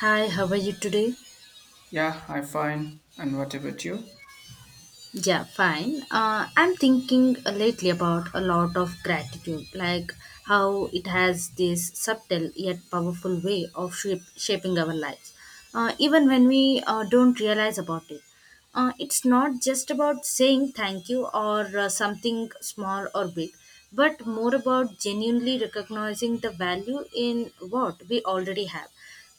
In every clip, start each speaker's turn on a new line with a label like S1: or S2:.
S1: Hi, how are you today?
S2: Yeah, I'm fine. And what about you?
S1: Yeah, fine. I'm thinking lately about a lot of gratitude, like how it has this subtle yet powerful way of shaping our lives, even when we don't realize about it. It's not just about saying thank you or something small or big, but more about genuinely recognizing the value in what we already have,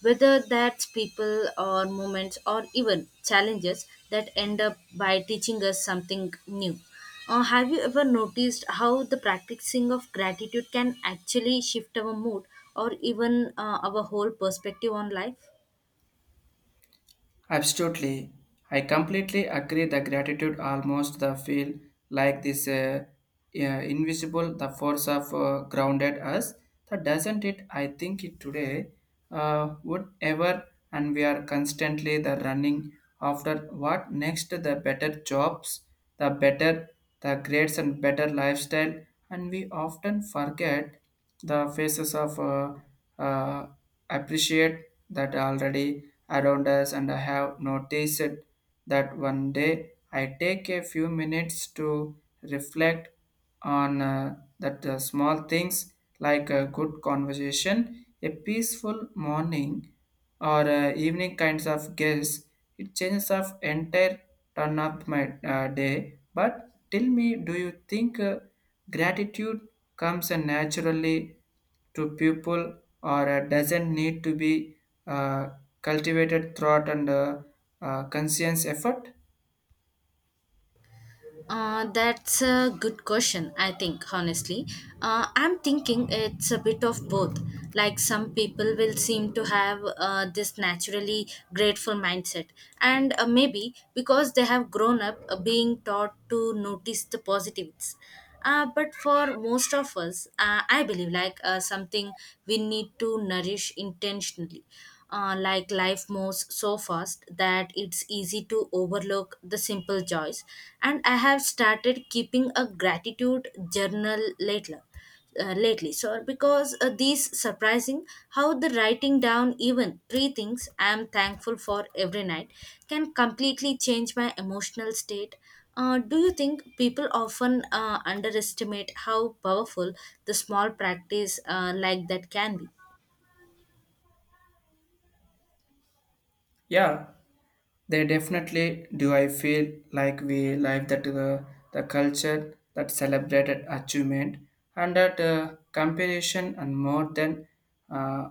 S1: whether that's people or moments or even challenges that end up by teaching us something new. Have you ever noticed how the practicing of gratitude can actually shift our mood or even our whole perspective on life?
S2: Absolutely. I completely agree the gratitude almost the feel like this yeah, invisible the force of grounded us that doesn't it I think it today would ever and we are constantly the running after what next the better jobs the better the grades and better lifestyle and we often forget the faces of uh, appreciate that already around us. And I have noticed that one day I take a few minutes to reflect on that small things like a good conversation, a peaceful morning, or evening kinds of guests. It changes of entire turn of my day. But tell me, do you think gratitude comes naturally to people, or doesn't need to be uh, cultivated throughout and conscious effort?
S1: That's a good question, I think, honestly. I'm thinking it's a bit of both. Like some people will seem to have this naturally grateful mindset, and maybe because they have grown up being taught to notice the positives. But for most of us, I believe like something we need to nourish intentionally like life moves so fast that it's easy to overlook the simple joys. And I have started keeping a gratitude journal later. Lately, so because these surprising how the writing down even three things I am thankful for every night can completely change my emotional state. Do you think people often underestimate how powerful the small practice like that can be?
S2: Yeah, they definitely do. I feel like we live that the culture that celebrated achievement and that comparison and more than uh,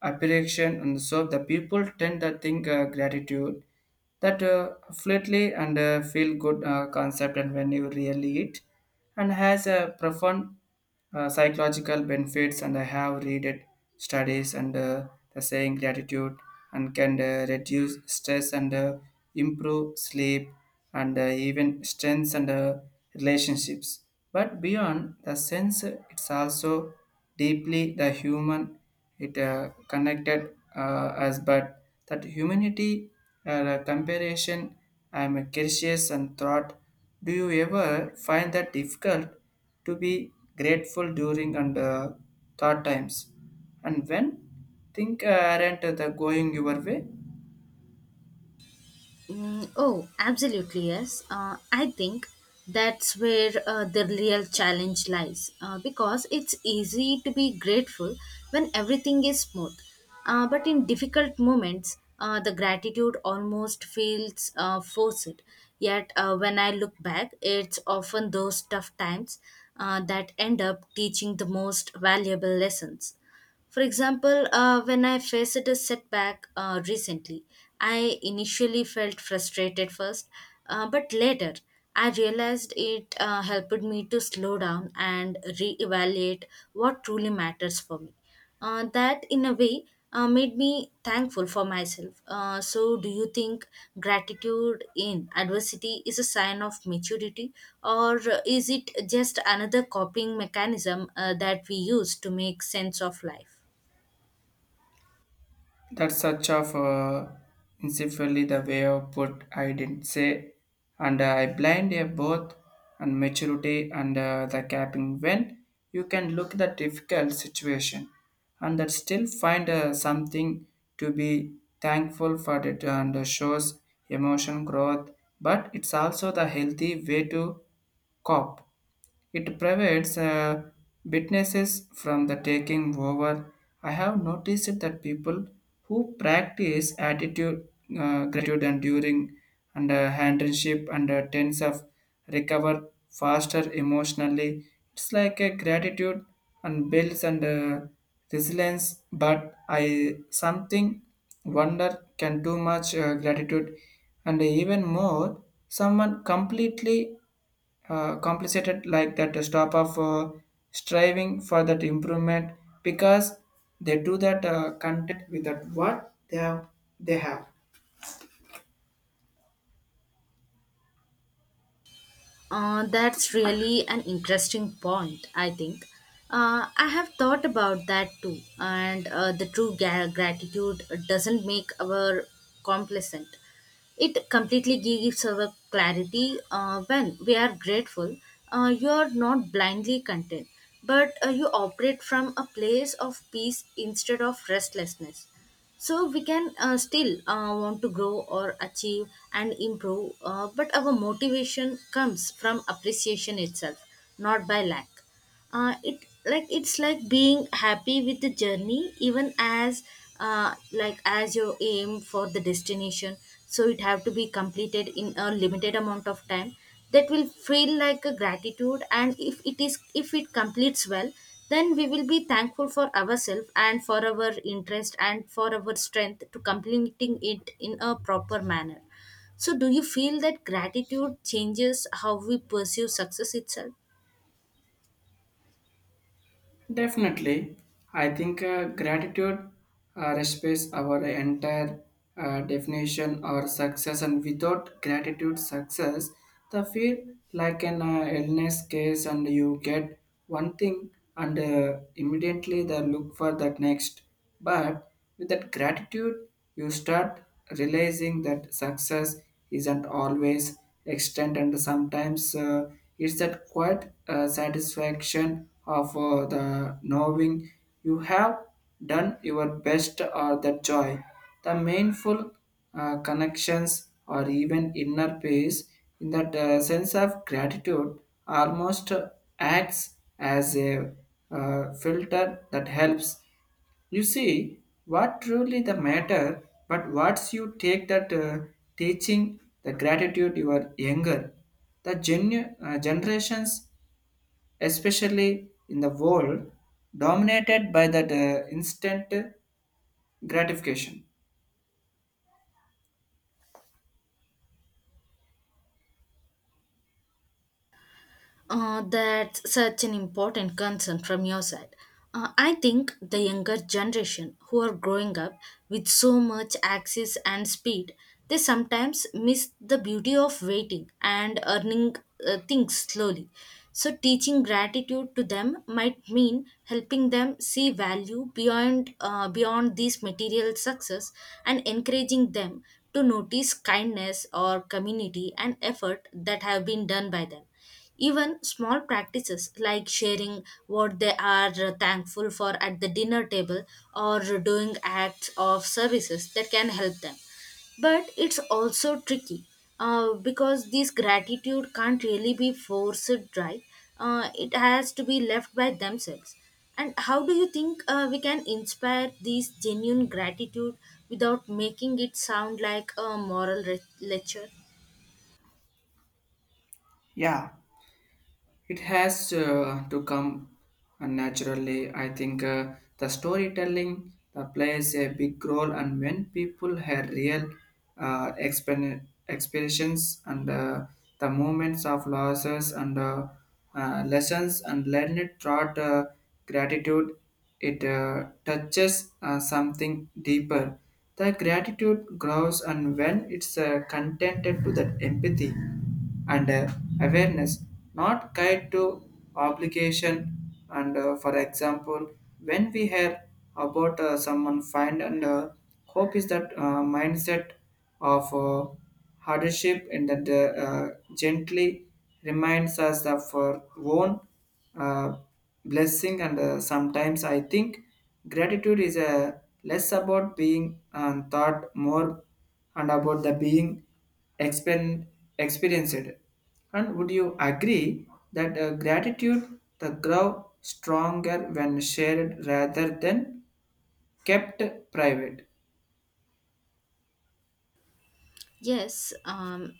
S2: appreciation, and so the people tend to think gratitude that fluidly and feel good concept and when you really it and has a profound psychological benefits and I have read it, studies and the saying gratitude and can reduce stress and improve sleep and even strengths and relationships, but beyond the sense it's also deeply the human it connected us but that humanity comparison. I'm curious and thought, do you ever find that difficult to be grateful during and thought times? And when things aren't the going your way?
S1: Mm, oh, absolutely, yes. I think that's where the real challenge lies because it's easy to be grateful when everything is smooth. But in difficult moments, the gratitude almost feels forced. Yet, when I look back, it's often those tough times that end up teaching the most valuable lessons. For example, when I faced a setback recently, I initially felt frustrated first, but later I realized it helped me to slow down and reevaluate what truly matters for me. That, in a way, made me thankful for myself. So, do you think gratitude in adversity is a sign of maturity, or is it just another coping mechanism that we use to make sense of life?
S2: That's such of incidentally the way of put I didn't say, and I blind a both and maturity and the capping when you can look the difficult situation and that still find something to be thankful for it and shows emotion growth, but it's also the healthy way to cope. It prevents witnesses from the taking over. I have noticed that people who practice attitude, gratitude, and during and handshake and tense of recover faster emotionally. It's like a gratitude and builds and resilience. But I something wonder, can too much gratitude and even more someone completely complicated like that to stop of striving for that improvement because they do that content with that what they have.
S1: That's really an interesting point, I think. I have thought about that too, and the true gratitude doesn't make our complacent. It completely gives our clarity when we are grateful. You are not blindly content, but you operate from a place of peace instead of restlessness, so we can still want to grow or achieve and improve, but our motivation comes from appreciation itself, not by lack. It's like being happy with the journey even as like as your aim for the destination, so it have to be completed in a limited amount of time that will feel like a gratitude. And if it completes well, then we will be thankful for ourselves and for our interest and for our strength to completing it in a proper manner. So do you feel that gratitude changes how we pursue success itself?
S2: Definitely. I think gratitude respects our entire definition or success and without gratitude success the feel like an illness case and you get one thing and immediately they look for that next. But with that gratitude, you start realizing that success isn't always extent, and sometimes it's that quiet satisfaction of the knowing you have done your best, or that joy, the meaningful connections, or even inner peace. In that sense of gratitude, almost acts as a filter that helps. You see, what truly the matter, but once you take that teaching, the gratitude you are younger, the generations, especially in the world, dominated by that instant gratification.
S1: That's such an important concern from your side. I think the younger generation who are growing up with so much access and speed, they sometimes miss the beauty of waiting and earning things slowly. So, teaching gratitude to them might mean helping them see value beyond these material success and encouraging them to notice kindness or community and effort that have been done by them, even small practices like sharing what they are thankful for at the dinner table or doing acts of services that can help them. But it's also tricky because this gratitude can't really be forced, right. It has to be left by themselves. And how do you think we can inspire this genuine gratitude without making it sound like a moral lecture?
S2: Yeah, it has to come naturally. I think the storytelling plays a big role, and when people have real experiences and the moments of losses and lessons and learn it throughout gratitude, it touches something deeper. The gratitude grows, and when it's contented to that empathy and awareness, not guide to obligation. And for example, when we hear about someone find and hope is that mindset of hardship and that gently reminds us of our own uh, blessing. And sometimes I think gratitude is less about being and thought more and about the being expen- experienced. And would you agree that gratitude the grow stronger when shared rather than kept private?
S1: Yes,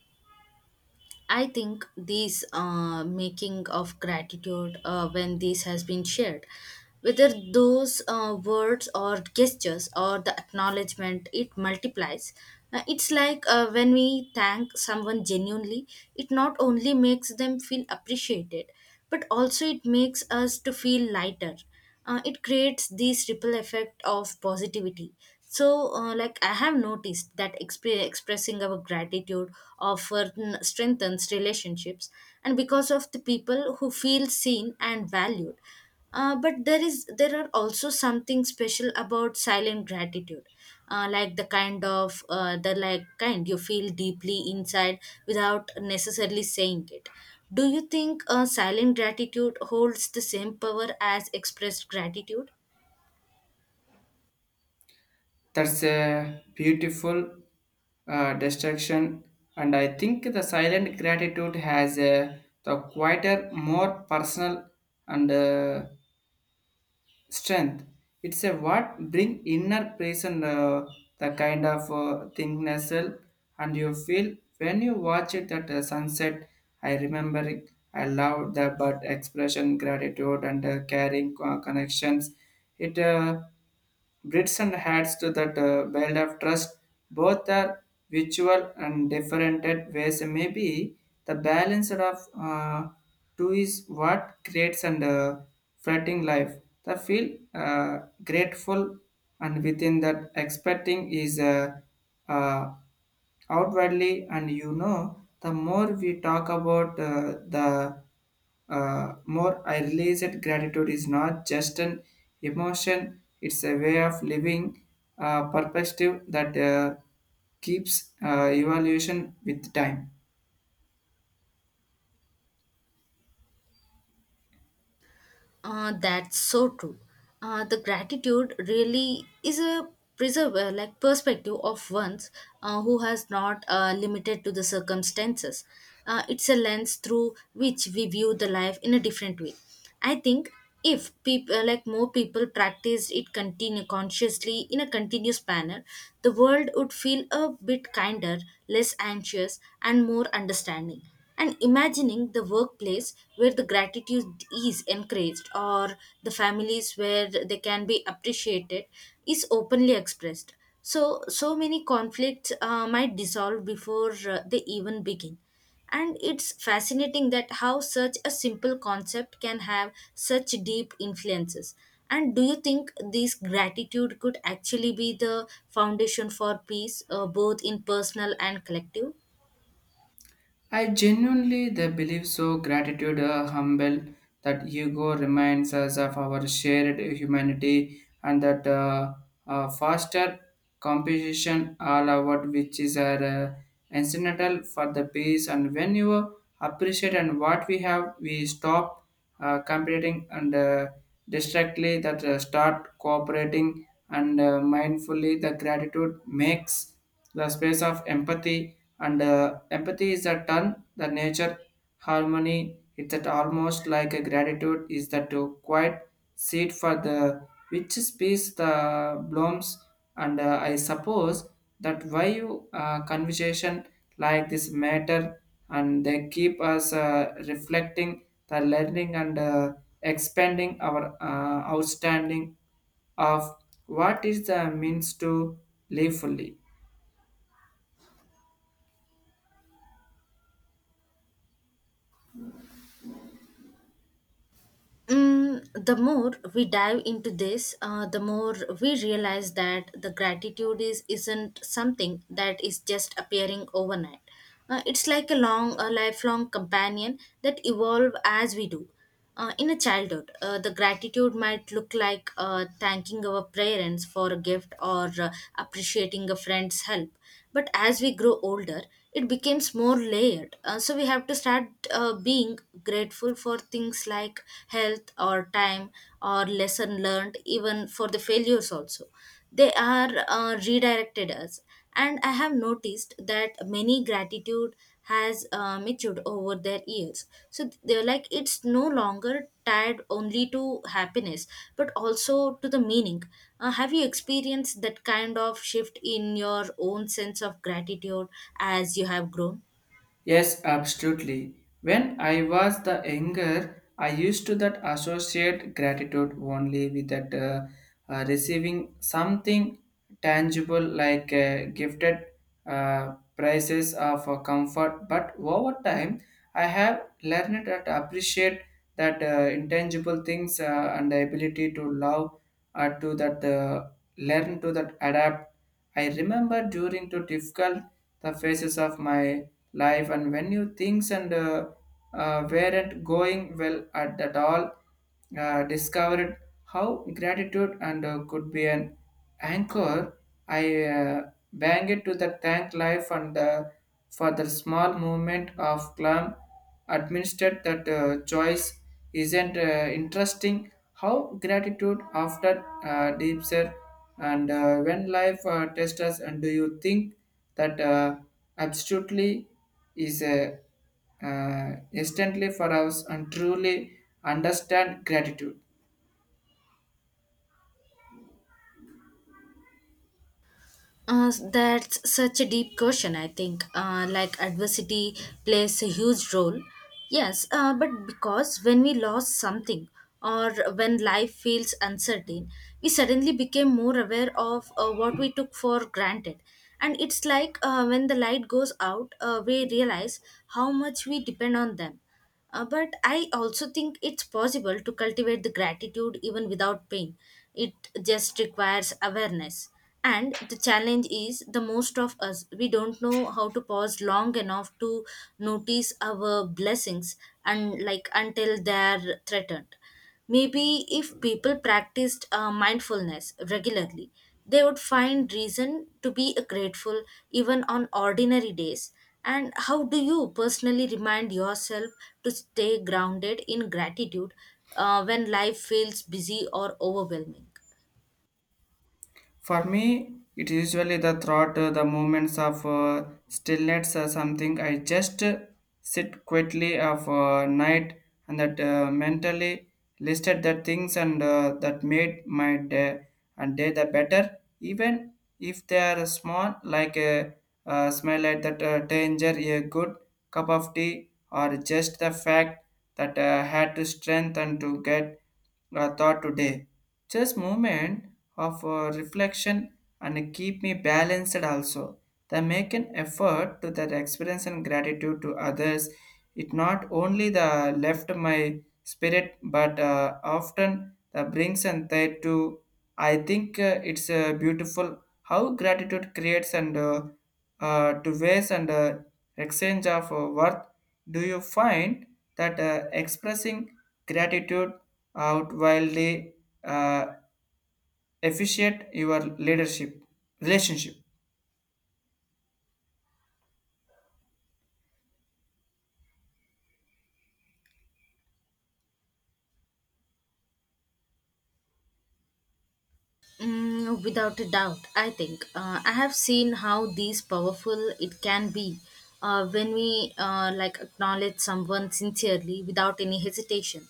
S1: I think these making of gratitude when this has been shared, whether those words or gestures or the acknowledgement, it multiplies. It's like when we thank someone genuinely, it not only makes them feel appreciated, but also it makes us to feel lighter. It creates this ripple effect of positivity, so like I have noticed that expressing our gratitude often strengthens relationships, and because of the people who feel seen and valued. But there are also something special about silent gratitude, like the kind of the like kind you feel deeply inside without necessarily saying it. Do you think silent gratitude holds the same power as expressed gratitude?
S2: That's a beautiful destruction, and I think the silent gratitude has a the quieter, more personal and strength. It's a what bring inner peace and the kind of thing nestle and you feel when you watch it at sunset. I remember it, I love the but expression gratitude and caring connections it Brits and hats to that belt of trust, both are virtual and different ways. Maybe the balance of two is what creates and flirting life. The feel grateful and within that expecting is uh, outwardly. And you know the more we talk about the more I realize that gratitude is not just an emotion, it's a way of living, perspective that keeps evaluation with time.
S1: That's so true. The gratitude really is a preserver, like perspective of one's who has not limited to the circumstances. It's a lens through which we view the life in a different way. I think if people like more people practiced it continue consciously in a continuous manner, the world would feel a bit kinder, less anxious, and more understanding. And imagining the workplace where the gratitude is encouraged, or the families where they can be appreciated is openly expressed. So, so many conflicts might dissolve before they even begin. And it's fascinating that how such a simple concept can have such deep influences. And do you think this gratitude could actually be the foundation for peace, both in personal and collective?
S2: I genuinely they believe so. Gratitude, humble that Hugo reminds us of our shared humanity and that foster competition all about which is our incidental for the peace. And when you appreciate and what we have, we stop competing and distractly that start cooperating and mindfully the gratitude makes the space of empathy, and empathy is a turn the nature harmony. It's that almost like a gratitude is that to quiet seed for the which species the blooms. And I suppose that why you conversation like this matter, and they keep us reflecting the learning and expanding our outstanding of what is the means to live fully.
S1: Mm, the more we dive into this, the more we realize that the gratitude is isn't something that is just appearing overnight. It's like a long, a lifelong companion that evolve as we do. In a childhood, the gratitude might look like thanking our parents for a gift or appreciating a friend's help, but as we grow older it becomes more layered. So we have to start being grateful for things like health or time or lesson learned, even for the failures also they are redirected us. And I have noticed that many gratitude has matured over their years, so they're like it's no longer tied only to happiness but also to the meaning. Have you experienced that kind of shift in your own sense of gratitude as you have grown?
S2: Yes, absolutely. When I was the younger, I used to that associate gratitude only with that receiving something tangible like gifted prices of comfort. But over time, I have learned that appreciate that intangible things and the ability to love to that learn to that adapt. I remember during the difficult the phases of my life and when you things and weren't going well at that all discovered how gratitude and could be an anchor. I bang it to the tank life and for the small movement of clam administered that choice. Isn't interesting how gratitude after deep sir and when life tests us. And do you think that absolutely is a instantly for us and truly understand gratitude?
S1: That's such a deep question, I think. Like adversity plays a huge role. Yes, but because when we lost something or when life feels uncertain, we suddenly became more aware of what we took for granted. And it's like when the light goes out, we realize how much we depend on them. But I also think it's possible to cultivate the gratitude even without pain. It just requires awareness. And the challenge is the most of us, we don't know how to pause long enough to notice our blessings and like until they're threatened. Maybe if people practiced mindfulness regularly, they would find reason to be grateful even on ordinary days. And how do you personally remind yourself to stay grounded in gratitude when life feels busy or overwhelming?
S2: For me, it's usually the thought, the moments of stillness or something. I just sit quietly of night and that mentally listed the things and that made my day and day the better. Even if they are small, like a, smell at that danger, a good cup of tea, or just the fact that had to strength and to get thought today. Just moment of reflection and keep me balanced also. The make an effort to that experience and gratitude to others. It not only the left my spirit but often the brings and tide to I think it's beautiful how gratitude creates and to waste and exchange of worth. Do you find that expressing gratitude out wildly uh, efficient your leadership relationship?
S1: Mm, without a doubt, I think. I have seen how these powerful it can be when we like acknowledge someone sincerely without any hesitation.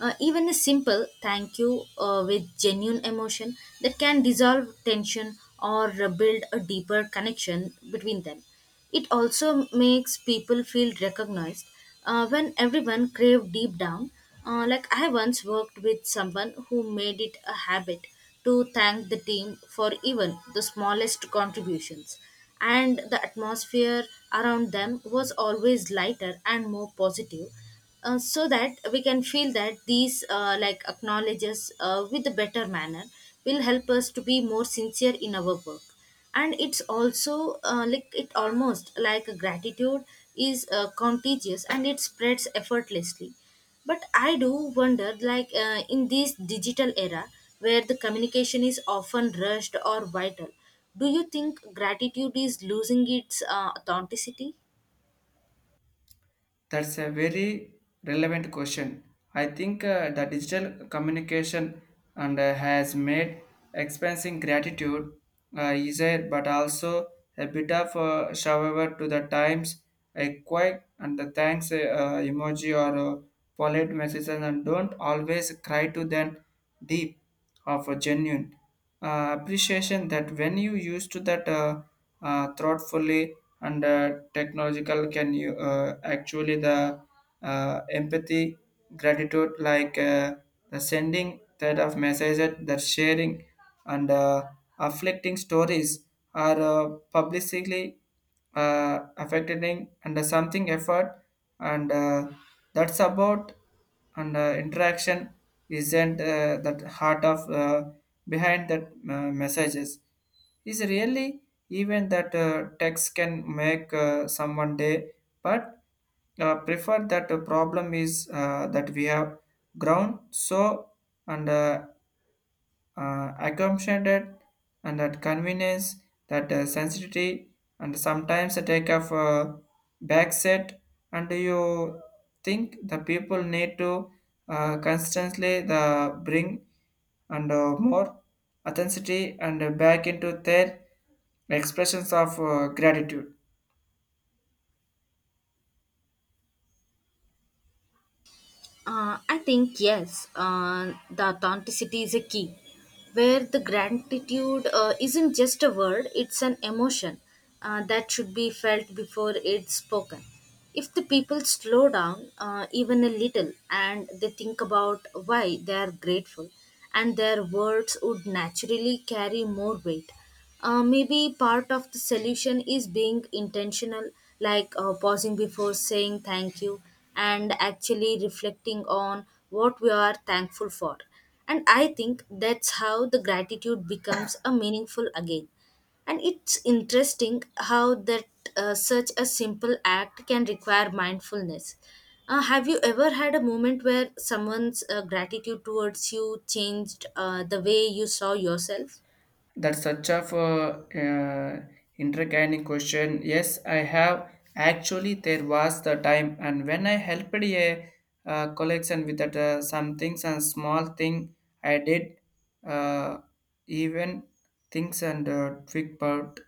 S1: Even a simple thank you with genuine emotion, that can dissolve tension or build a deeper connection between them. It also makes people feel recognized when everyone crave deep down. Like I once worked with someone who made it a habit to thank the team for even the smallest contributions, and the atmosphere around them was always lighter and more positive. So that we can feel that these like acknowledges with a better manner will help us to be more sincere in our work. And it's also like it almost like a gratitude is contagious and it spreads effortlessly. But I do wonder like in this digital era where the communication is often rushed or vital, do you think gratitude is losing its authenticity?
S2: That's a very relevant question. I think the digital communication and has made expressing gratitude easier, but also a bit of a shower to the times. A quick and the thanks emoji or polite messages and don't always cry to them deep of a genuine appreciation that when you used to that thoughtfully and technological can you actually the empathy gratitude like the sending that of messages that sharing and afflicting stories are publicly affecting and something effort and that's about and interaction isn't that heart of behind that messages is really even that text can make someone day but prefer that the problem is that we have ground so and accommodated and that convenience, that sensitivity, and sometimes a take of back set. And you think the people need to constantly the bring and more authenticity and back into their expressions of gratitude.
S1: I think yes, the authenticity is a key. Where the gratitude isn't just a word, it's an emotion that should be felt before it's spoken. If the people slow down even a little and they think about why they are grateful, and their words would naturally carry more weight. Maybe part of the solution is being intentional, like pausing before saying thank you and actually reflecting on what we are thankful for. And I think that's how the gratitude becomes a meaningful again. And it's interesting how that such a simple act can require mindfulness. Have you ever had a moment where someone's gratitude towards you changed the way you saw yourself?
S2: That's such a question. Yes, I have. Actually, there was the time, and when I helped a collection with that, some things and small thing I did, uh, even things and twig part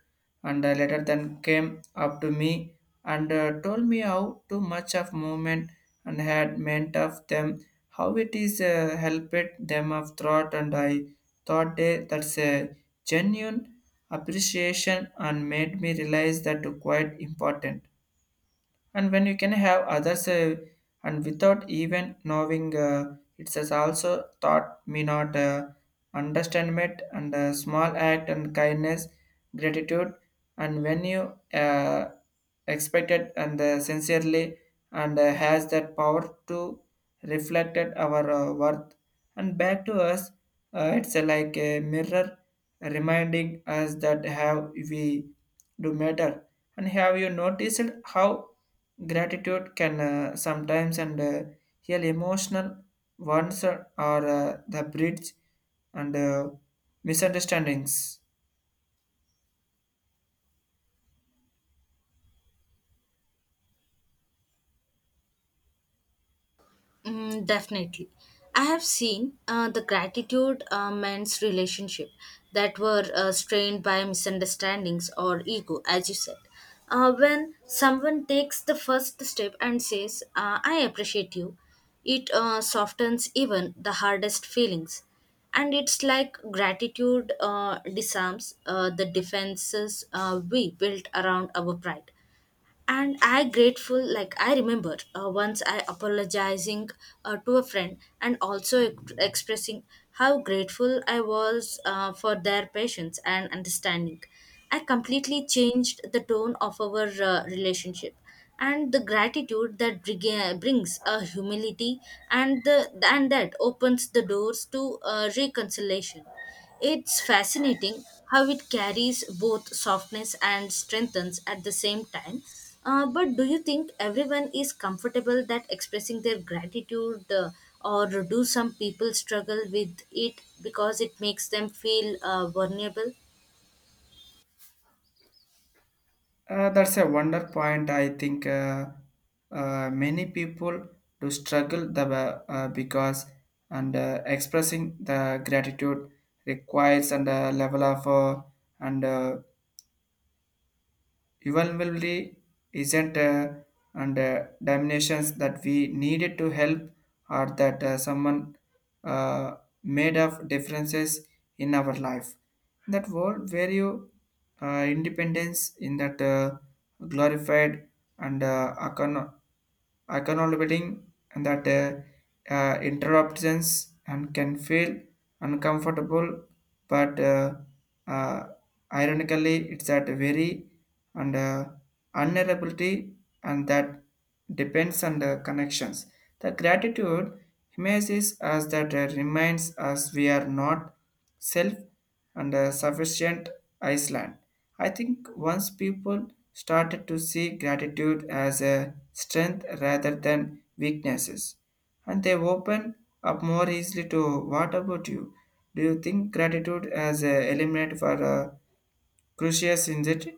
S2: and later then came up to me and told me how too much of movement and had meant of them how it is helped them of thought and I thought they, that's a genuine appreciation and made me realize that quite important and when you can have others and without even knowing it has also taught me not understand it and small act and kindness gratitude and when you expect and sincerely and has that power to reflect it our worth and back to us it's like a mirror reminding us that how we do matter and have you noticed how gratitude can sometimes and heal emotional wounds or the bridge and misunderstandings.
S1: Mm, definitely. I have seen the gratitude men's relationship that were strained by misunderstandings or ego, as you said. When someone takes the first step and says, I appreciate you, it softens even the hardest feelings. And it's like gratitude disarms the defenses we built around our pride and I grateful like I remember once I apologizing to a friend and also expressing how grateful I was for their patience and understanding I completely changed the tone of our relationship and the gratitude that brings a humility and the and that opens the doors to reconciliation it's fascinating how it carries both softness and strengthens at the same time. But do you think everyone is comfortable that expressing their gratitude, or do some people struggle with it because it makes them feel vulnerable?
S2: That's a wonder point. I think many people do struggle the because and expressing the gratitude requires and a level of and eventually isn't and diminutions that we needed to help or that someone uh, made of differences in our life in that world where you independence in that glorified and econo- acknowledging that interruptions and can feel uncomfortable, but uh, ironically, it's at very and vulnerability, and that depends on the connections. The gratitude image is us that reminds us we are not self and a sufficient Iceland. I think once people started to see gratitude as a strength rather than weaknesses, and they open up more easily to what about you? Do you think gratitude as a element for a crucius in it?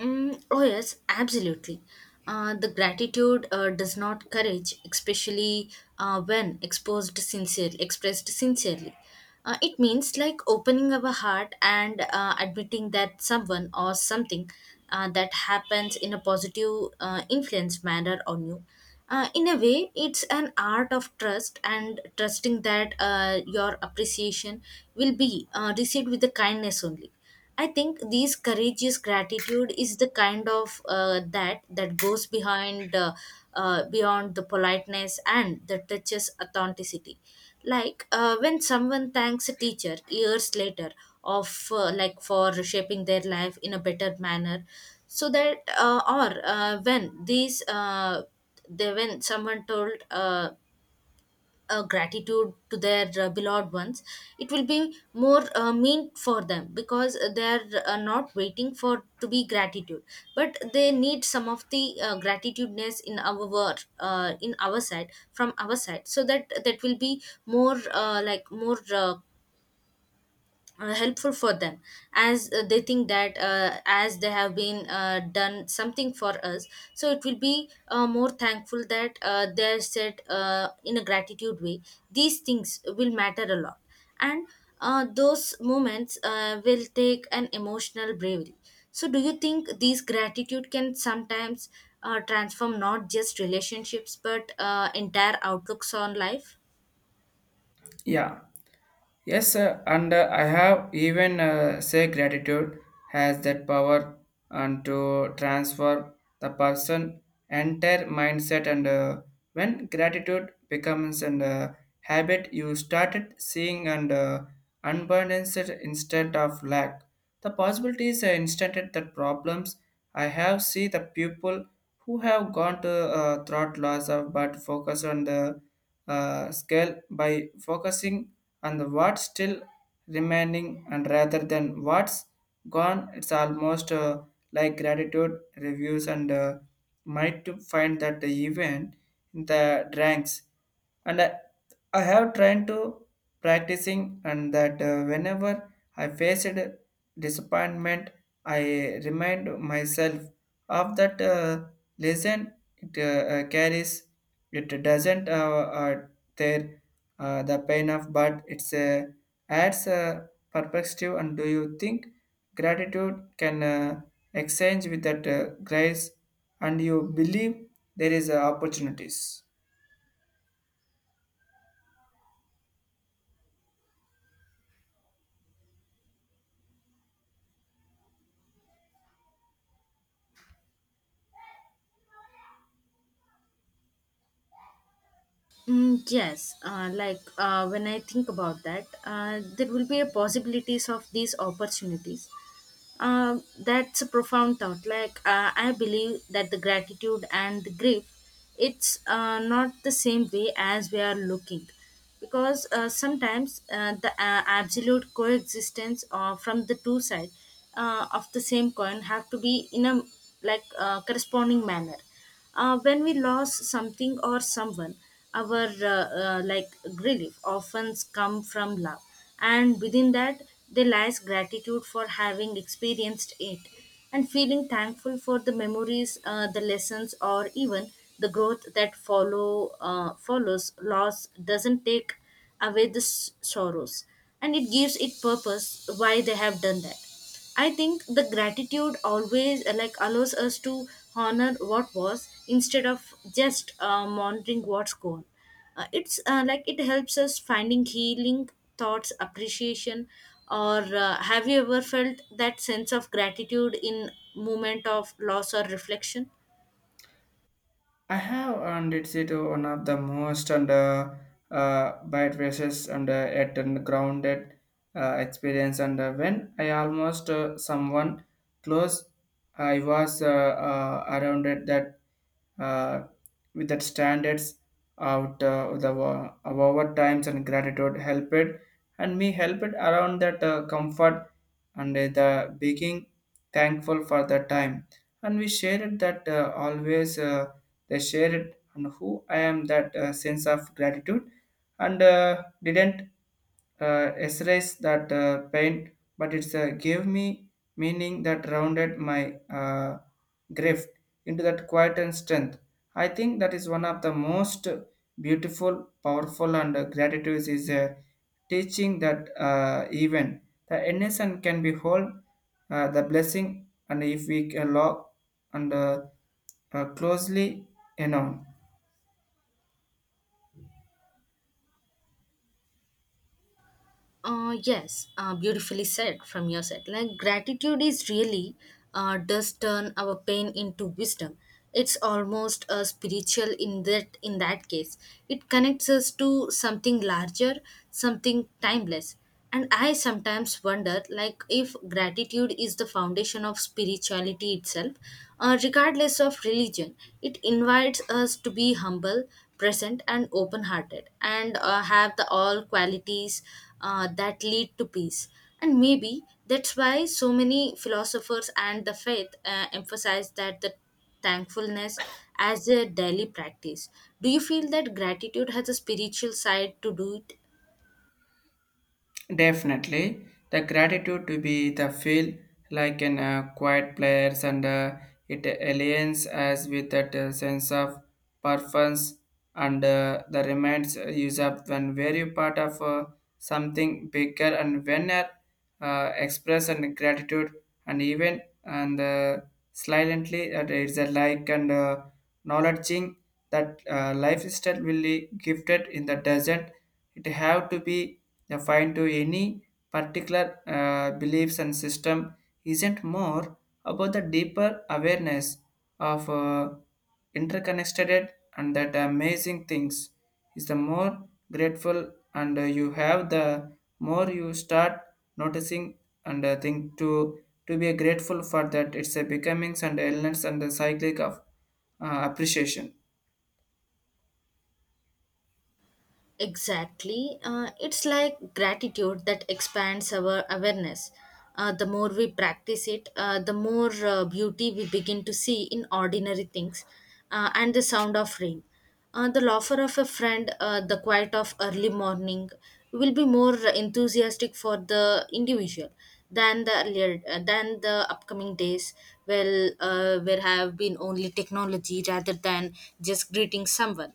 S1: Mm, oh yes, absolutely. The gratitude does not courage, especially when exposed sincerely, expressed sincerely. It means like opening our heart and admitting that someone or something that happens in a positive influence manner on you. In a way, it's an art of trust and trusting that your appreciation will be received with the kindness only. I think these courageous gratitude is the kind of that goes behind beyond the politeness and that touches authenticity. Like when someone thanks a teacher years later of like for shaping their life in a better manner, so that or when these they when someone told gratitude to their beloved ones it will be more mean for them because they are not waiting for to be gratitude but they need some of the gratitudeness in our word in our side from our side so that that will be more helpful for them as they think that as they have been done something for us so it will be more thankful that they are said in a gratitude way these things will matter a lot and those moments will take an emotional bravery so do you think these gratitude can sometimes transform not just relationships but entire outlooks on life.
S2: Yeah. Yes, sir. And I have even say gratitude has that power and to transform the person entire mindset and when gratitude becomes an habit, you started seeing and unbalanced instead of lack. The possibilities are instanted. The problems I have see the people who have gone to thought loss of but focus on the scale by focusing on the what's still remaining and rather than what's gone. It's almost like gratitude reviews and might to find that the event in the drinks and I have tried to practicing and that whenever I faced disappointment. I remind myself of that lesson it carries. It doesn't tear the pain off, but it's adds a perspective. And do you think gratitude can exchange with that grace and you believe there is opportunities?
S1: Mm, yes, when I think about that, there will be a possibilities of these opportunities. Um, that's a profound thought. Like I believe that the gratitude and the grief, it's not the same way as we are looking, because sometimes the absolute coexistence from the two sides of the same coin have to be in a like corresponding manner. When we lost something or someone, our like relief often come from love, and within that there lies gratitude for having experienced it, and feeling thankful for the memories, the lessons, or even the growth that follows. Loss doesn't take away the sorrows, and it gives it purpose why they have done that. I think the gratitude always like allows us to honor what was instead of just monitoring what's gone. It's Like it helps us finding healing thoughts, appreciation, or have you ever felt that sense of gratitude in moment of loss or reflection?
S2: I have, and it's it one of the most and bad races and at and grounded experience. And when I almost someone close, I was around it that uh, with that standards out the wa- of our times and gratitude helped and me helped around that comfort and the being thankful for the time and we shared that always. They shared and who I am that sense of gratitude and didn't erase that pain, but it's gave me meaning that rounded my grief into that quiet and strength. I think that is one of the most beautiful, powerful, and gratitude is a teaching that even the innocent can behold the blessing, and if we can look and closely, you know,
S1: Yes, beautifully said from your side. Like gratitude is really does turn our pain into wisdom. It's almost a spiritual in that case. It connects us to something larger, something timeless. And I sometimes wonder, like, if gratitude is the foundation of spirituality itself, regardless of religion. It invites us to be humble, present, and open hearted, and have the all qualities that lead to peace. And maybe that's why so many philosophers and the faith emphasize that the thankfulness as a daily practice. Do you feel that gratitude has a spiritual side to do it?
S2: definitely the gratitude to be the feel like in quiet players and it aligns us with that sense of purpose and the remains use up when very part of something bigger and when express and gratitude and even and silently that it's a like and acknowledging that lifestyle will be gifted in the desert. It have to be defined to any particular beliefs and system isn't more about the deeper awareness of interconnected and that amazing things is the more grateful and you have the more you start noticing and think to be grateful for that it's a becomings and elements and the cyclic of appreciation.
S1: Exactly. It's like gratitude that expands our awareness. The more we practice it, the more beauty we begin to see in ordinary things and the sound of rain. The laughter of a friend, the quiet of early morning will be more enthusiastic for the individual than the earlier, than the upcoming days well where have been only technology rather than just greeting someone.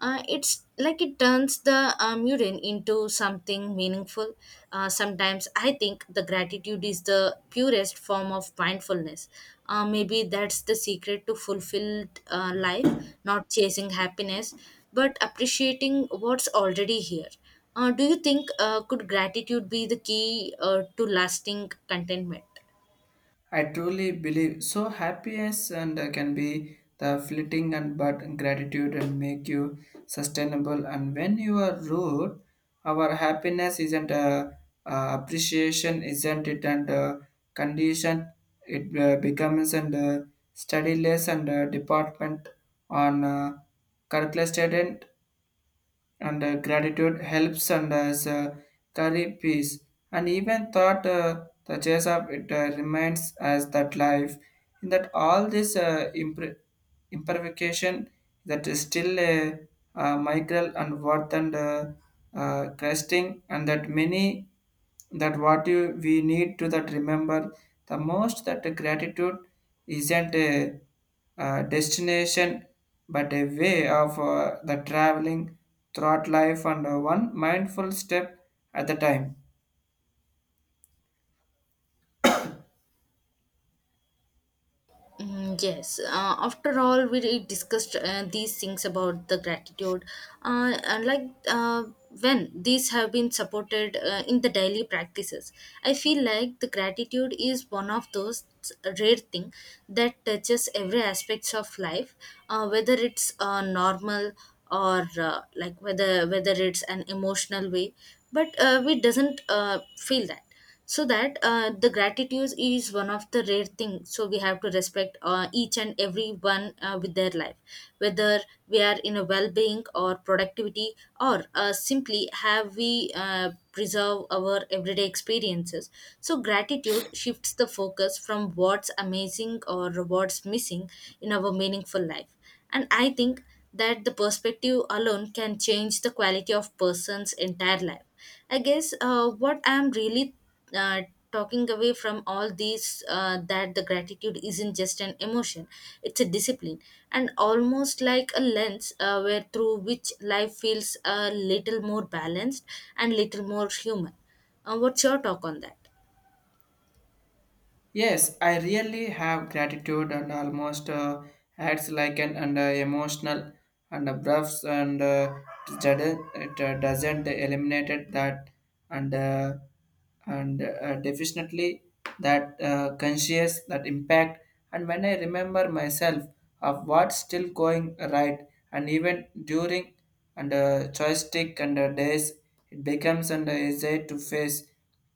S1: It's like it turns the mural into something meaningful. Sometimes I think the gratitude is the purest form of mindfulness. Maybe that's the secret to fulfilled life, not chasing happiness, but appreciating what's already here. Do you think could gratitude be the key to lasting contentment?
S2: I truly believe so. Happiness and can be the fleeting and but gratitude and make you sustainable. And when you are rude, our happiness isn't appreciation, isn't it? And condition it becomes and studyless and department on calculated and gratitude helps and as carry peace and even thought the chase of it remains as that life in that all this impre- imperfection that is still a, migral and worth and cresting and that many that what you, we need to that remember the most that gratitude isn't a, destination but a way of the traveling throughout life and one mindful step at the time.
S1: Mm, yes. After all, we really discussed these things about the gratitude. And when these have been supported in the daily practices, I feel like the gratitude is one of those rare thing that touches every aspects of life, whether it's normal or whether it's an emotional way. But we doesn't feel that so that the gratitude is one of the rare things so we have to respect each and every one with their life whether we are in a well-being or productivity or simply have we preserve our everyday experiences so gratitude shifts the focus from what's amazing or what's missing in our meaningful life and I think that the perspective alone can change the quality of person's entire life. I guess what I'm really uh, talking away from all these that the gratitude isn't just an emotion, it's a discipline and almost like a lens where through which life feels a little more balanced and little more human. What's your talk on that?
S2: Yes, I really have gratitude and almost acts like an emotional and buffs and jud- it doesn't eliminate that and uh, and definitely that conscious that impact and when I remember myself of what's still going right and even during and joystick and days it becomes and easy to face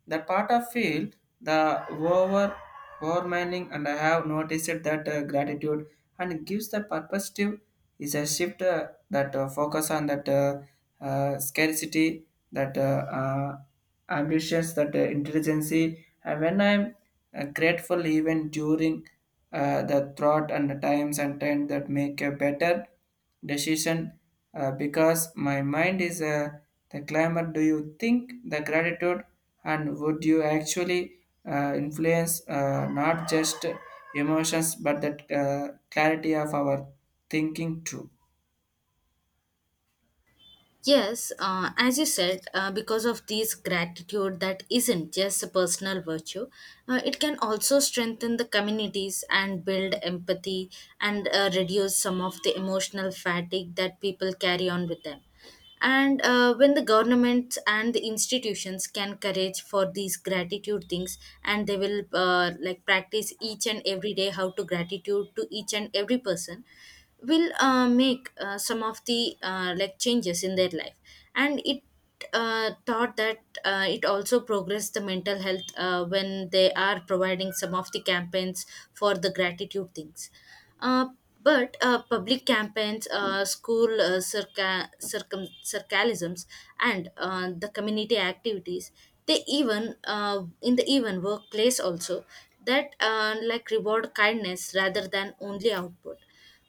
S2: that part of field, the over overmining, and I have noticed that gratitude and gives the perspective is a shift that focus on that scarcity, that ambitions, that intelligence. And when I'm grateful, even during the thought and the times and time that make a better decision because my mind is the climber. Do you think the gratitude and would you actually influence not just emotions but that clarity of our thinking too?
S1: Yes, as you said, because of these gratitude that isn't just a personal virtue, it can also strengthen the communities and build empathy and reduce some of the emotional fatigue that people carry on with them. And when the governments and the institutions can encourage for these gratitude things, and they will like practice each and every day how to gratitude to each and every person will make some of the like changes in their life and it thought that it also progressed the mental health when they are providing some of the campaigns for the gratitude things, uh, but public campaigns, school circalisms, and the community activities, they even in the even workplace also that like reward kindness rather than only output.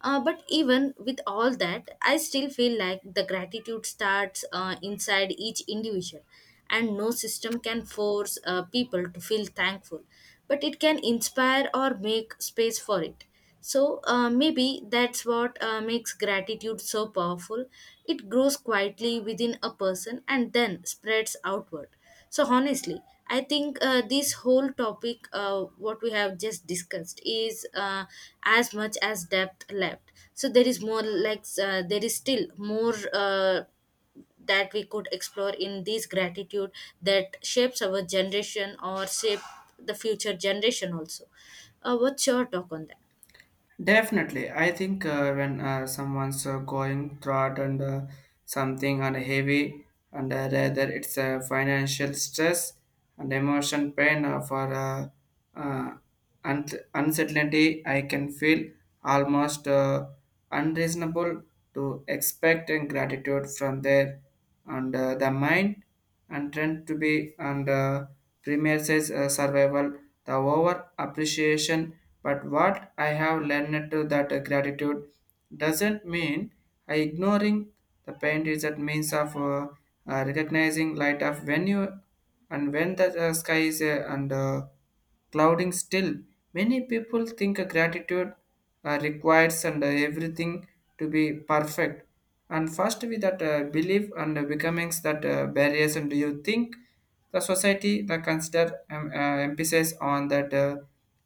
S1: But even with all that, I still feel like the gratitude starts inside each individual, and no system can force people to feel thankful, but it can inspire or make space for it. So maybe that's what makes gratitude so powerful. It grows quietly within a person and then spreads outward. So honestly, I think this whole topic, what we have just discussed, is as much as depth left. So there is more there is still more that we could explore in this gratitude that shapes our generation or shape the future generation also. What's your talk on that?
S2: Definitely, I think when someone's going through and something and heavy, and rather it's a financial stress and emotion pain for uh, un- uncertainty, I can feel almost unreasonable to expect and gratitude from there and the mind and tend to be and premises survival the over appreciation but what I have learned to that gratitude doesn't mean I ignoring the pain is that means of recognizing light of when you and when the sky is and clouding still. Many people think a gratitude requires and everything to be perfect. And first, we that belief and becomings that barriers. And do you think the society that consider emphasis on that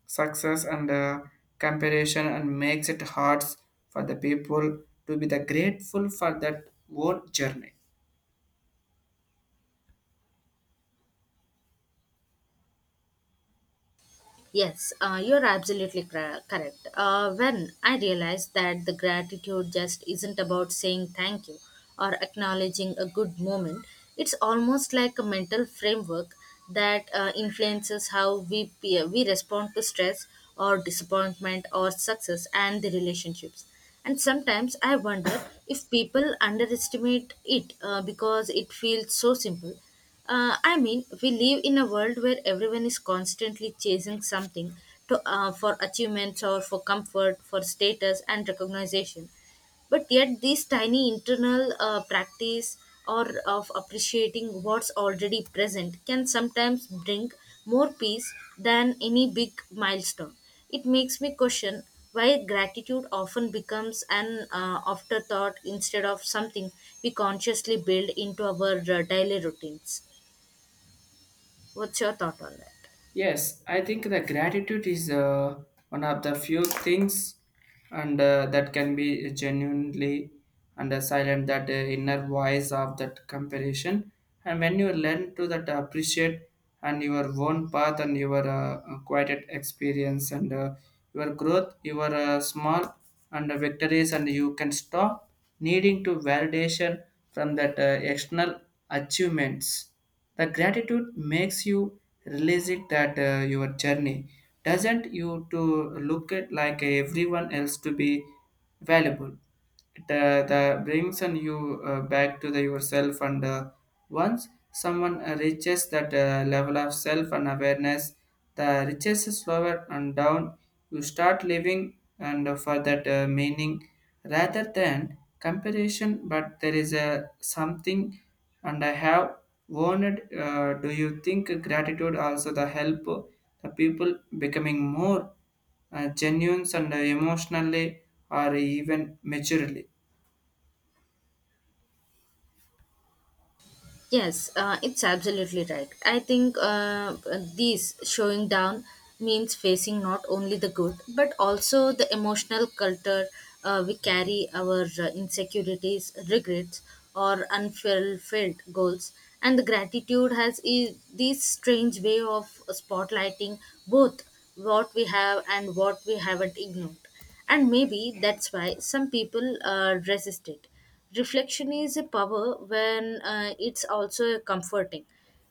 S2: success and comparison and makes it hard for the people to be the grateful for that whole journey?
S1: Yes, you're absolutely correct. When I realized that the gratitude just isn't about saying thank you or acknowledging a good moment, it's almost like a mental framework that influences how we respond to stress or disappointment or success and the relationships. And sometimes I wonder if people underestimate it because it feels so simple. I mean, we live in a world where everyone is constantly chasing something to, for achievements or for comfort, for status and recognition. But yet, this tiny internal practice or of appreciating what's already present can sometimes bring more peace than any big milestone. It makes me question why gratitude often becomes an afterthought instead of something we consciously build into our daily routines. What's your thought on that?
S2: Yes, I think the gratitude is one of the few things and that can be genuinely and silent that inner voice of that comparison and when you learn to that appreciate and your own path and your quiet experience and your growth your small and victories and you can stop needing to validation from that external achievements. The gratitude makes you realize it that your journey doesn't you to look at like everyone else to be valuable. It the brings on you back to the yourself and once someone reaches that level of self and awareness. The riches is slower and down. You start living and for that meaning rather than comparison, but there is a something and I have wanted, do you think gratitude also the help the people becoming more genuine and emotionally or even maturely?
S1: Yes, it's absolutely right. I think this showing down means facing not only the good but also the emotional culture we carry our insecurities, regrets, or unfulfilled goals. And the gratitude has this strange way of spotlighting both what we have and what we haven't ignored, and maybe that's why some people resist it. Reflection is a power when it's also comforting.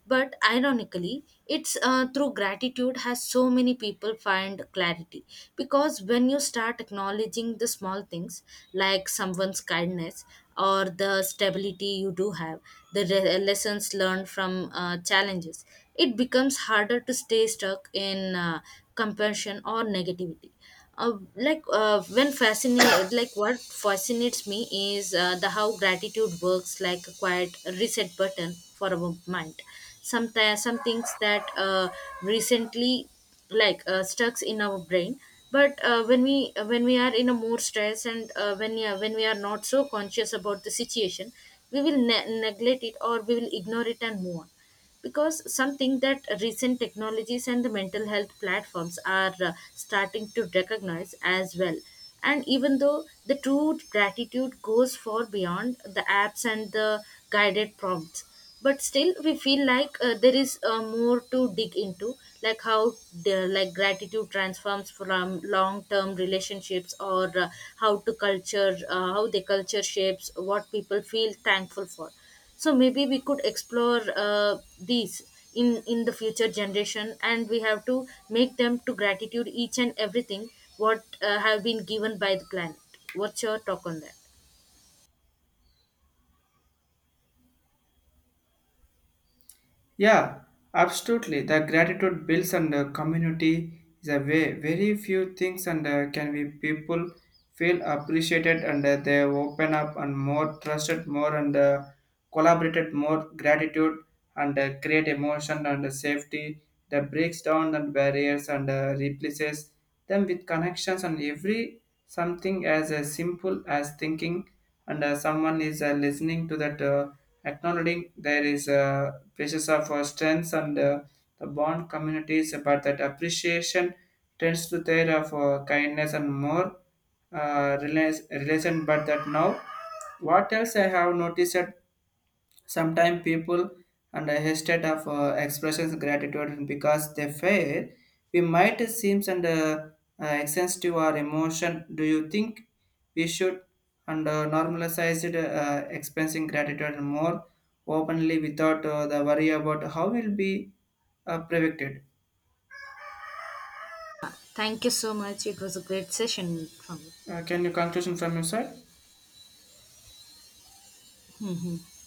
S1: But ironically, it's through gratitude has so many people find clarity. Because when you start acknowledging the small things like someone's kindness or the stability you do have, the lessons learned from challenges, it becomes harder to stay stuck in compassion or negativity. Like what fascinates me is the how gratitude works like a quiet reset button for our mind. Sometimes some things that recently like stuck in our brain, but when we are in a more stress and when we are not so conscious about the situation we will neglect it or we will ignore it and move on, because some think that recent technologies and the mental health platforms are starting to recognize as well. And even though the true gratitude goes far beyond the apps and the guided prompts, but still we feel like there is more to dig into, like how the, like gratitude transforms from long term relationships or how the culture shapes what people feel thankful for. So maybe we could explore these in the future generation and we have to make them to gratitude each and everything what have been given by the planet. What's your talk on that?
S2: Yeah, absolutely. The gratitude builds and the community is a way. Very few things and can be people feel appreciated and they open up and more trusted more and collaborated more gratitude and create emotion and safety that breaks down the barriers and replaces them with connections and every something as simple as thinking and someone is listening to that. Acknowledging there is a basis of strengths and the bond communities, but that appreciation tends to there of kindness and more relation. But that now, what else I have noticed sometimes people and hesitate of expressions gratitude because they fail. We might seems and sensitive our emotion. Do you think we should and normalize it, expressing gratitude more openly without the worry about how will be prevented?
S1: Thank you so much, it was a great session from
S2: Can you conclusion from your side?
S1: you. Hmm.